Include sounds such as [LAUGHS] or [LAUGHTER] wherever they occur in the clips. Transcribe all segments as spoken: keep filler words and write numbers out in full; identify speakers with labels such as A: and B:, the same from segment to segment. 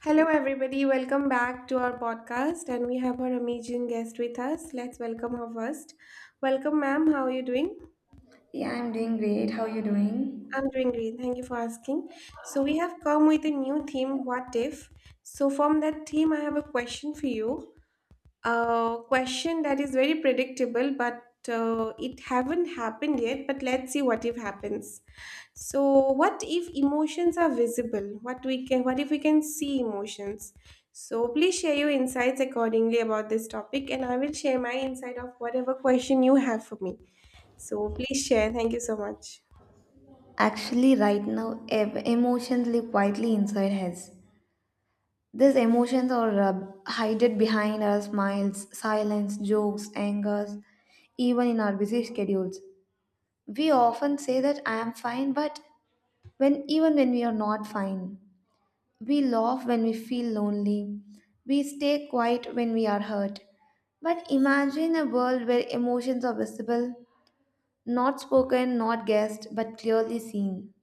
A: Hello, everybody. Welcome back to our podcast, and we have our amazing guest with us. Let's welcome her first. Welcome, ma'am. How are you doing?
B: Yeah, I'm doing great. How you doing?
A: I'm doing great. Thank you for asking. So, we have come with a new theme, What If? So, from that theme, I have a question for you. A question that is very predictable, but uh, it haven't happened yet. But let's see what if happens. So, what if emotions are visible? What we can, what if we can see emotions? So, please share your insights accordingly about this topic, and I will share my insight of whatever question you have for me. So, please share. Thank you so much.
B: Actually, right now, ev- emotions live quietly inside us. These emotions are uh, hidden behind our smiles, silence, jokes, angers, even in our busy schedules. We often say that I am fine, but when even when we are not fine, we laugh when we feel lonely. We stay quiet when we are hurt. But imagine a world where emotions are visible. Not spoken, not guessed, but clearly seen.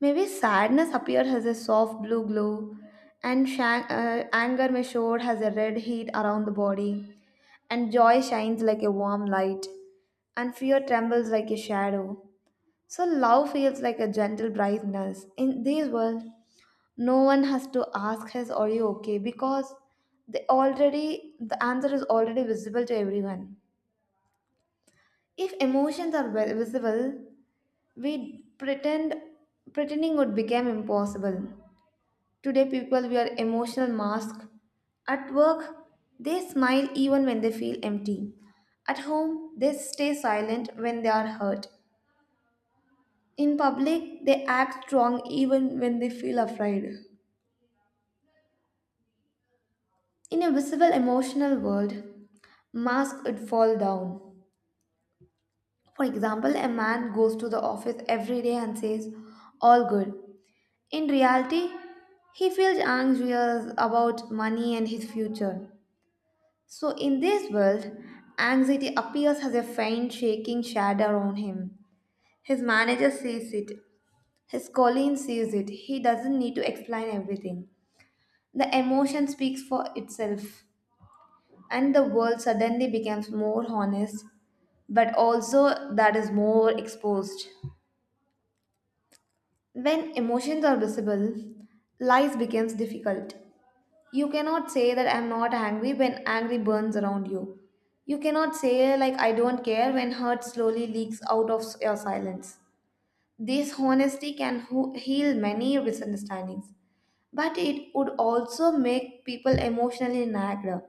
B: Maybe sadness appeared as a soft blue glow, and shan- uh, anger may show as a red heat around the body, and joy shines like a warm light, and fear trembles like a shadow. So love feels like a gentle brightness. In this world, no one has to ask us, "Are you okay?" because they already the answer is already visible to everyone. If emotions are vi- visible, we pretend pretending would become impossible. Today people wear emotional masks at work. They smile even when they feel empty. At home they stay silent when they are hurt. In public they act strong even when they feel afraid. In a visible emotional world, masks would fall down. For example, a man goes to the office every day and says all good. In reality, he feels anxious about money and his future. So, in this world, anxiety appears as a faint, shaking shadow on him. His manager sees it, his colleague sees it. He doesn't need to explain everything. The emotion speaks for itself, and the world suddenly becomes more honest, but also that is more exposed. When emotions are visible, life becomes difficult. You cannot say that I'm not angry when angry burns around you. You cannot say like I don't care when hurt slowly leaks out of your silence. This honesty can ho- heal many misunderstandings, but it would also make people emotionally nagged.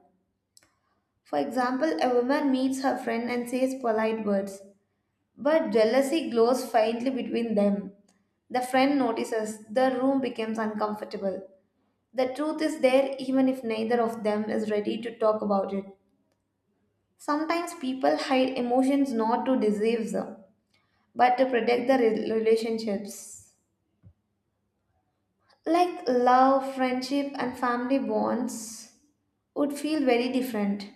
B: For example, a woman meets her friend and says polite words, but jealousy glows faintly between them. The friend notices the room becomes uncomfortable. The truth is there even if neither of them is ready to talk about it. Sometimes people hide emotions not to deceive them, but to protect their re- relationships. Like love, friendship, and family bonds would feel very different.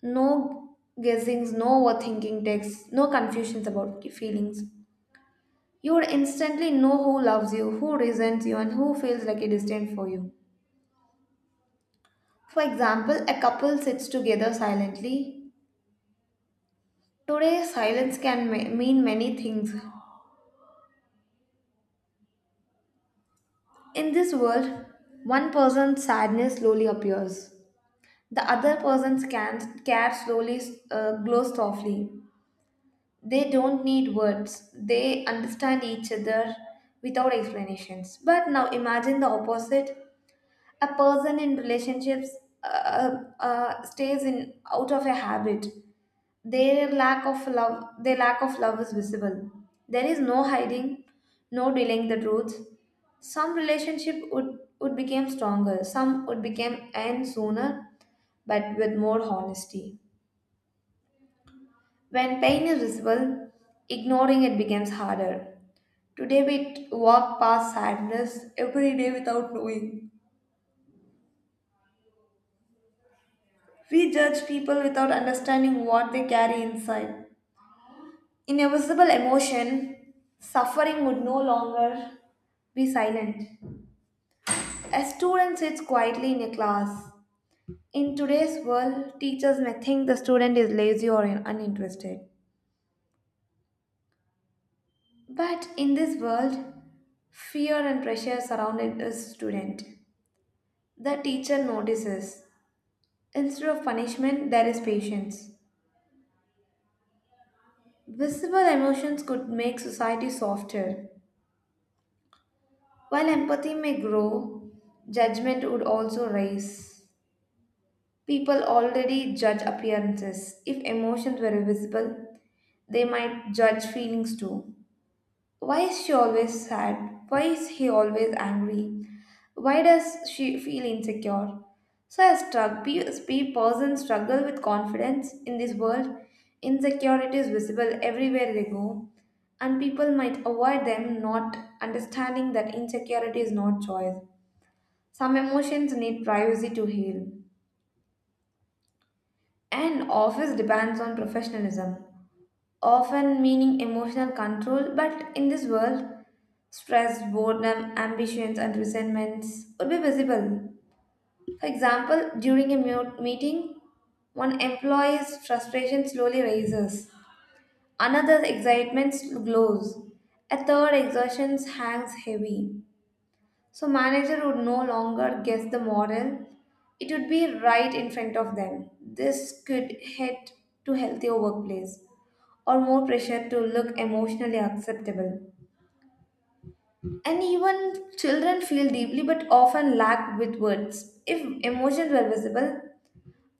B: No guessings, no overthinking texts, no confusions about your feelings. You would instantly know who loves you, who resents you, and who feels like a distant for you. For example, a couple sits together silently. Today, silence can ma- mean many things. In this world, one person's sadness slowly appears. The other person's can- care slowly uh, glows softly. They don't need words. They understand each other without explanations. But now imagine the opposite. A person in relationships uh, uh, stays in out of a habit. Their lack of love their lack of love is visible. There is no hiding, no delaying the truth. Some relationship would would become stronger, some would become end sooner, but with more honesty. When pain is visible, ignoring it becomes harder. Today we t- walk past sadness every day without knowing. We judge people without understanding what they carry inside. In a visible emotion, suffering would no longer be silent. A student sits quietly in a class. In today's world, teachers may think the student is lazy or in- uninterested. But in this world, fear and pressure surrounded the student. The teacher notices. Instead of punishment, there is patience. Visible emotions could make society softer. While empathy may grow, judgment would also rise. People already judge appearances. If emotions were visible, they might judge feelings too. Why is she always sad? Why is he always angry? Why does she feel insecure? So I struck pe- pe- persons struggle with confidence in this world. Insecurity is visible everywhere they go, and people might avoid them, not understanding that insecurity is not choice. Some emotions need privacy to heal. An office depends on professionalism, often meaning emotional control, but in this world, stress, boredom, ambitions, and resentments would be visible. For example, during a mu- meeting, one employee's frustration slowly rises, another's excitement glows, a third exhaustion hangs heavy. So manager would no longer guess the moral. It would be right in front of them. This could head to healthier workplace or more pressure to look emotionally acceptable. And even children feel deeply but often lack with words. If emotions were visible,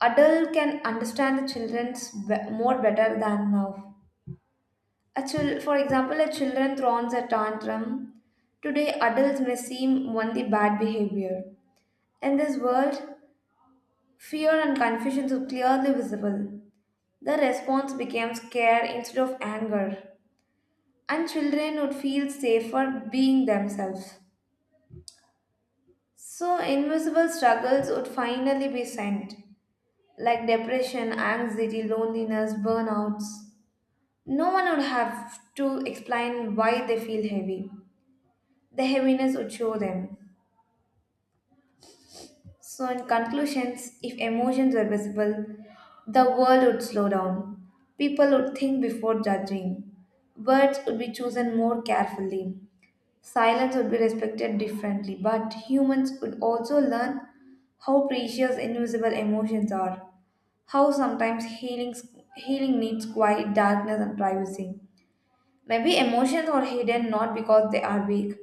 B: adult can understand the children's be- more better than now. A chil- for example, a children throws a tantrum. Today, adults may seem only bad behavior. In this world, fear and confusion were clearly visible. The response became scare instead of anger, and children would feel safer being themselves. So, invisible struggles would finally be sent, like depression, anxiety, loneliness, burnouts. No one would have to explain why they feel heavy. The heaviness would show them. So, in conclusions, if emotions were visible, the world would slow down. People would think before judging. Words would be chosen more carefully. Silence would be respected differently, but humans would also learn how precious invisible emotions are, how sometimes healing, healing needs quiet, darkness, and privacy. Maybe emotions are hidden not because they are weak,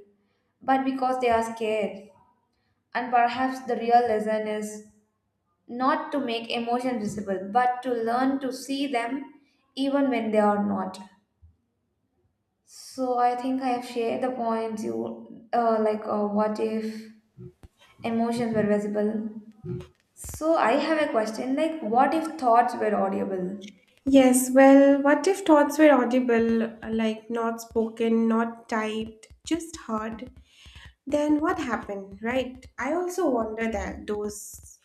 B: but because they are scared. And perhaps the real lesson is not to make emotions visible, but to learn to see them even when they are not. So I think I have shared the points you uh, like uh, what if emotions were visible. So I have a question like what if thoughts were audible?
A: Yes, well, what if thoughts were audible, like not spoken, not typed, just heard? Then what happened, right? I also wonder that those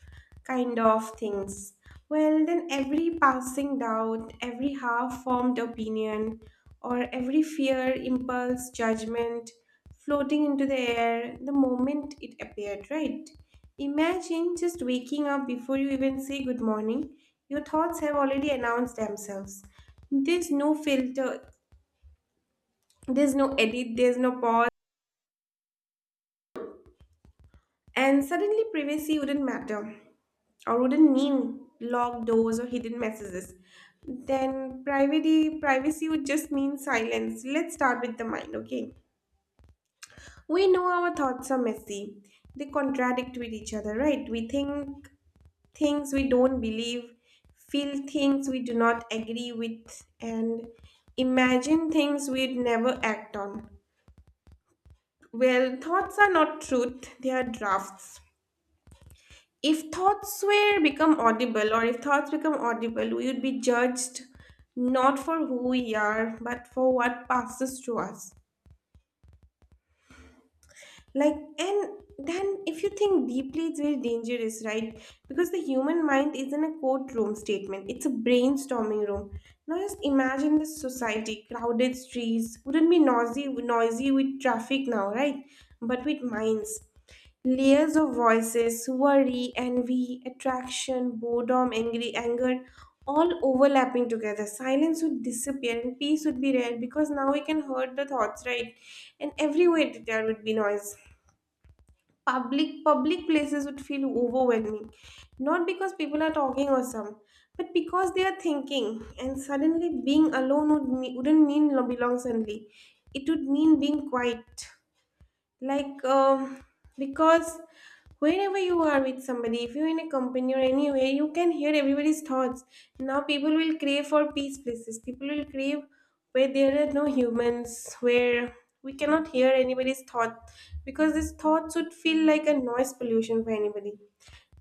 A: kind of things. Well, then every passing doubt, every half formed opinion, or every fear, impulse, judgment floating into the air the moment it appeared, right? Imagine, just waking up before you even say good morning, your thoughts have already announced themselves. There's no filter, there's no edit, there's no pause. And suddenly, privacy wouldn't matter or wouldn't mean locked doors or hidden messages. Then, privacy, privacy would just mean silence. Let's start with the mind, okay? We know our thoughts are messy, they contradict with each other, right? We think things we don't believe, feel things we do not agree with, and imagine things we'd never act on. Well, thoughts are not truth, they are drafts. If thoughts were become audible, or if thoughts become audible, we would be judged not for who we are, but for what passes through us. Like, and then if you think deeply, it's very dangerous, right? Because the human mind isn't a courtroom statement, it's a brainstorming room. Now, just imagine this society. Crowded streets wouldn't be noisy, noisy with traffic now, right? But with minds. Layers of voices, worry, envy, attraction, boredom, angry, anger, all overlapping together. Silence would disappear and peace would be rare because now we can hear the thoughts, right? And everywhere there would be noise. Public public places would feel overwhelming. Not because people are talking or some, but because they are thinking. And suddenly being alone would me- wouldn't mean lo- belong suddenly. It would mean being quiet, like um, because whenever you are with somebody, if you're in a company or anywhere, you can hear everybody's thoughts. Now people will crave for peace places, people will crave where there are no humans, where we cannot hear anybody's thought, because this thoughts would feel like a noise pollution for anybody.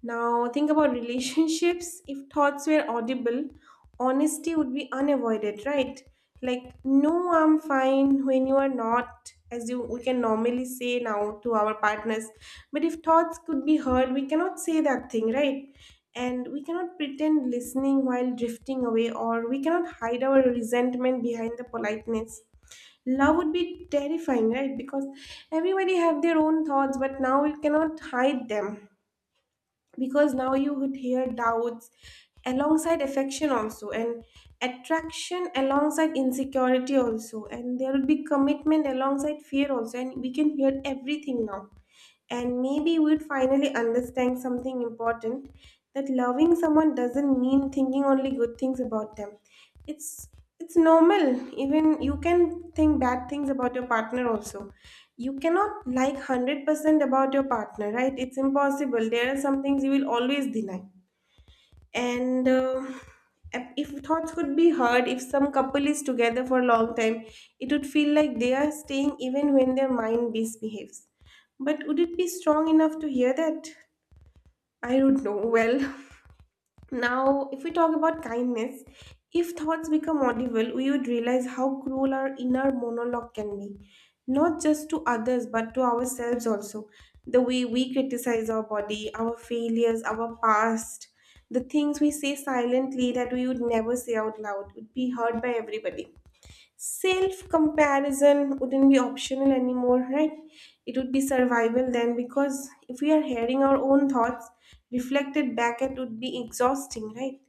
A: Now, think about relationships. [LAUGHS] If thoughts were audible, honesty would be unavoided, right? Like, no, I'm fine when you are not, as you we can normally say now to our partners. But if thoughts could be heard, we cannot say that thing, right? And we cannot pretend listening while drifting away, or we cannot hide our resentment behind the politeness. Love would be terrifying, right? Because everybody have their own thoughts, but now we cannot hide them, because now you would hear doubts alongside affection also, and attraction alongside insecurity also, and there would be commitment alongside fear also, and we can hear everything now. And maybe we'd finally understand something important, that loving someone doesn't mean thinking only good things about them. It's it's normal, even you can think bad things about your partner also. You cannot like one hundred percent about your partner, right? It's impossible, there are some things you will always deny. And uh, If thoughts could be heard, if some couple is together for a long time, it would feel like they are staying even when their mind misbehaves. But would it be strong enough to hear that? I don't know, well. [LAUGHS] Now, if we talk about kindness, if thoughts become audible, we would realize how cruel our inner monologue can be, not just to others, but to ourselves also. The way we criticize our body, our failures, our past, the things we say silently that we would never say out loud, would be heard by everybody. Self comparison wouldn't be optional anymore, right? It would be survival then, because if we are hearing our own thoughts reflected back, it would be exhausting, right?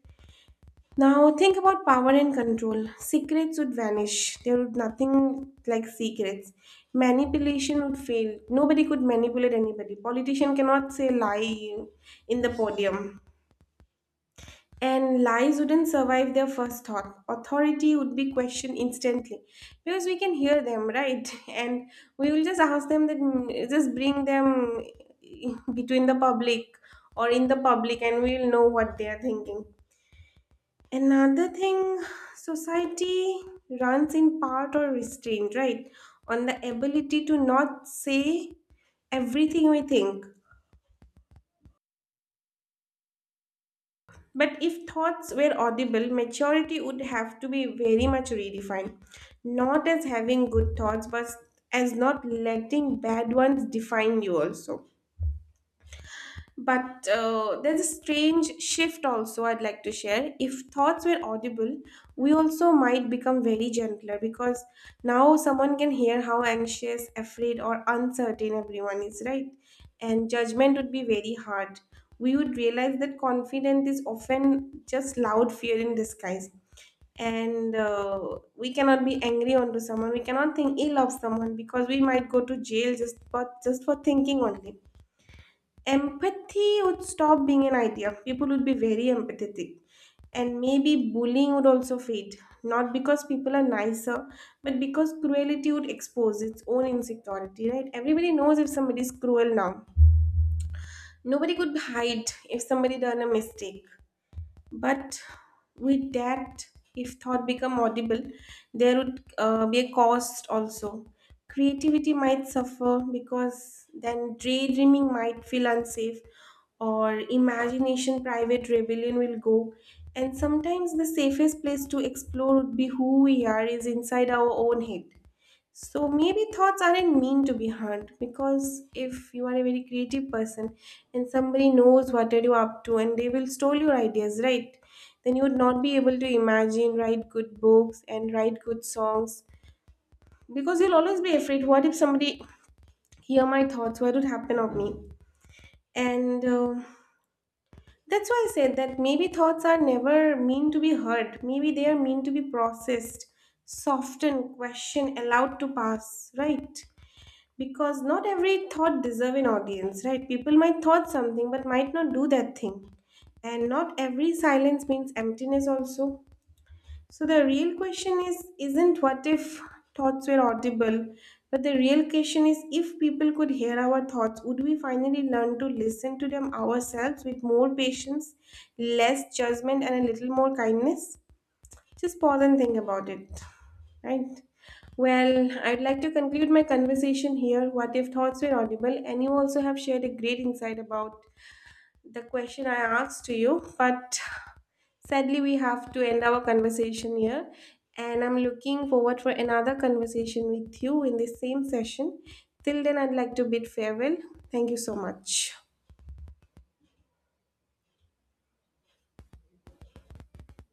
A: Now think about power and control. Secrets would vanish. There would nothing like secrets. Manipulation would fail. Nobody could manipulate anybody. Politician cannot say lie in the podium, and lies wouldn't survive their first thought. Authority would be questioned instantly because we can hear them, right? [LAUGHS] And we will just ask them that, mm, just bring them [LAUGHS] between the public or in the public, and we will know what they are thinking. Another thing, society runs in part or restraint, right? On the ability to not say everything we think. But if thoughts were audible, maturity would have to be very much redefined, not as having good thoughts, but as not letting bad ones define you also. But uh, there's a strange shift also I'd like to share. If thoughts were audible, we also might become very gentler, because now someone can hear how anxious, afraid, or uncertain everyone is, right? And judgment would be very hard. We would realize that confidence is often just loud fear in disguise, and uh, we cannot be angry onto someone, we cannot think ill of someone, because we might go to jail just for just for thinking only. Empathy would stop being an idea. People would be very empathetic. And maybe bullying would also fade. Not because people are nicer, but because cruelty would expose its own insecurity, right? Everybody knows if somebody is cruel now. Nobody could hide if somebody done a mistake. But with that, if thought become audible, there would uh, be a cost also. Creativity might suffer, because then daydreaming might feel unsafe, or imagination, private rebellion will go. And sometimes the safest place to explore would be who we are is inside our own head. So maybe thoughts aren't mean to be hard, because if you are a very creative person and somebody knows what are you up to, and they will steal your ideas, right? Then you would not be able to imagine, write good books and write good songs, because you'll always be afraid. What if somebody hear my thoughts? What would happen of me? And uh, that's why I said that maybe thoughts are never mean to be heard. Maybe they are mean to be processed, softened, questioned, allowed to pass, right? Because not every thought deserve an audience, right? People might thought something but might not do that thing, and not every silence means emptiness also. So the real question is isn't what if thoughts were audible, but the real question is, if people could hear our thoughts, would we finally learn to listen to them ourselves with more patience, less judgment, and a little more kindness? Just pause and think about it. Right? Well, I'd like to conclude my conversation here. What if thoughts were audible? And you also have shared a great insight about the question I asked to you. But sadly, we have to end our conversation here. And I'm looking forward for another conversation with you in the same session. Till then, I'd like to bid farewell. Thank you so much.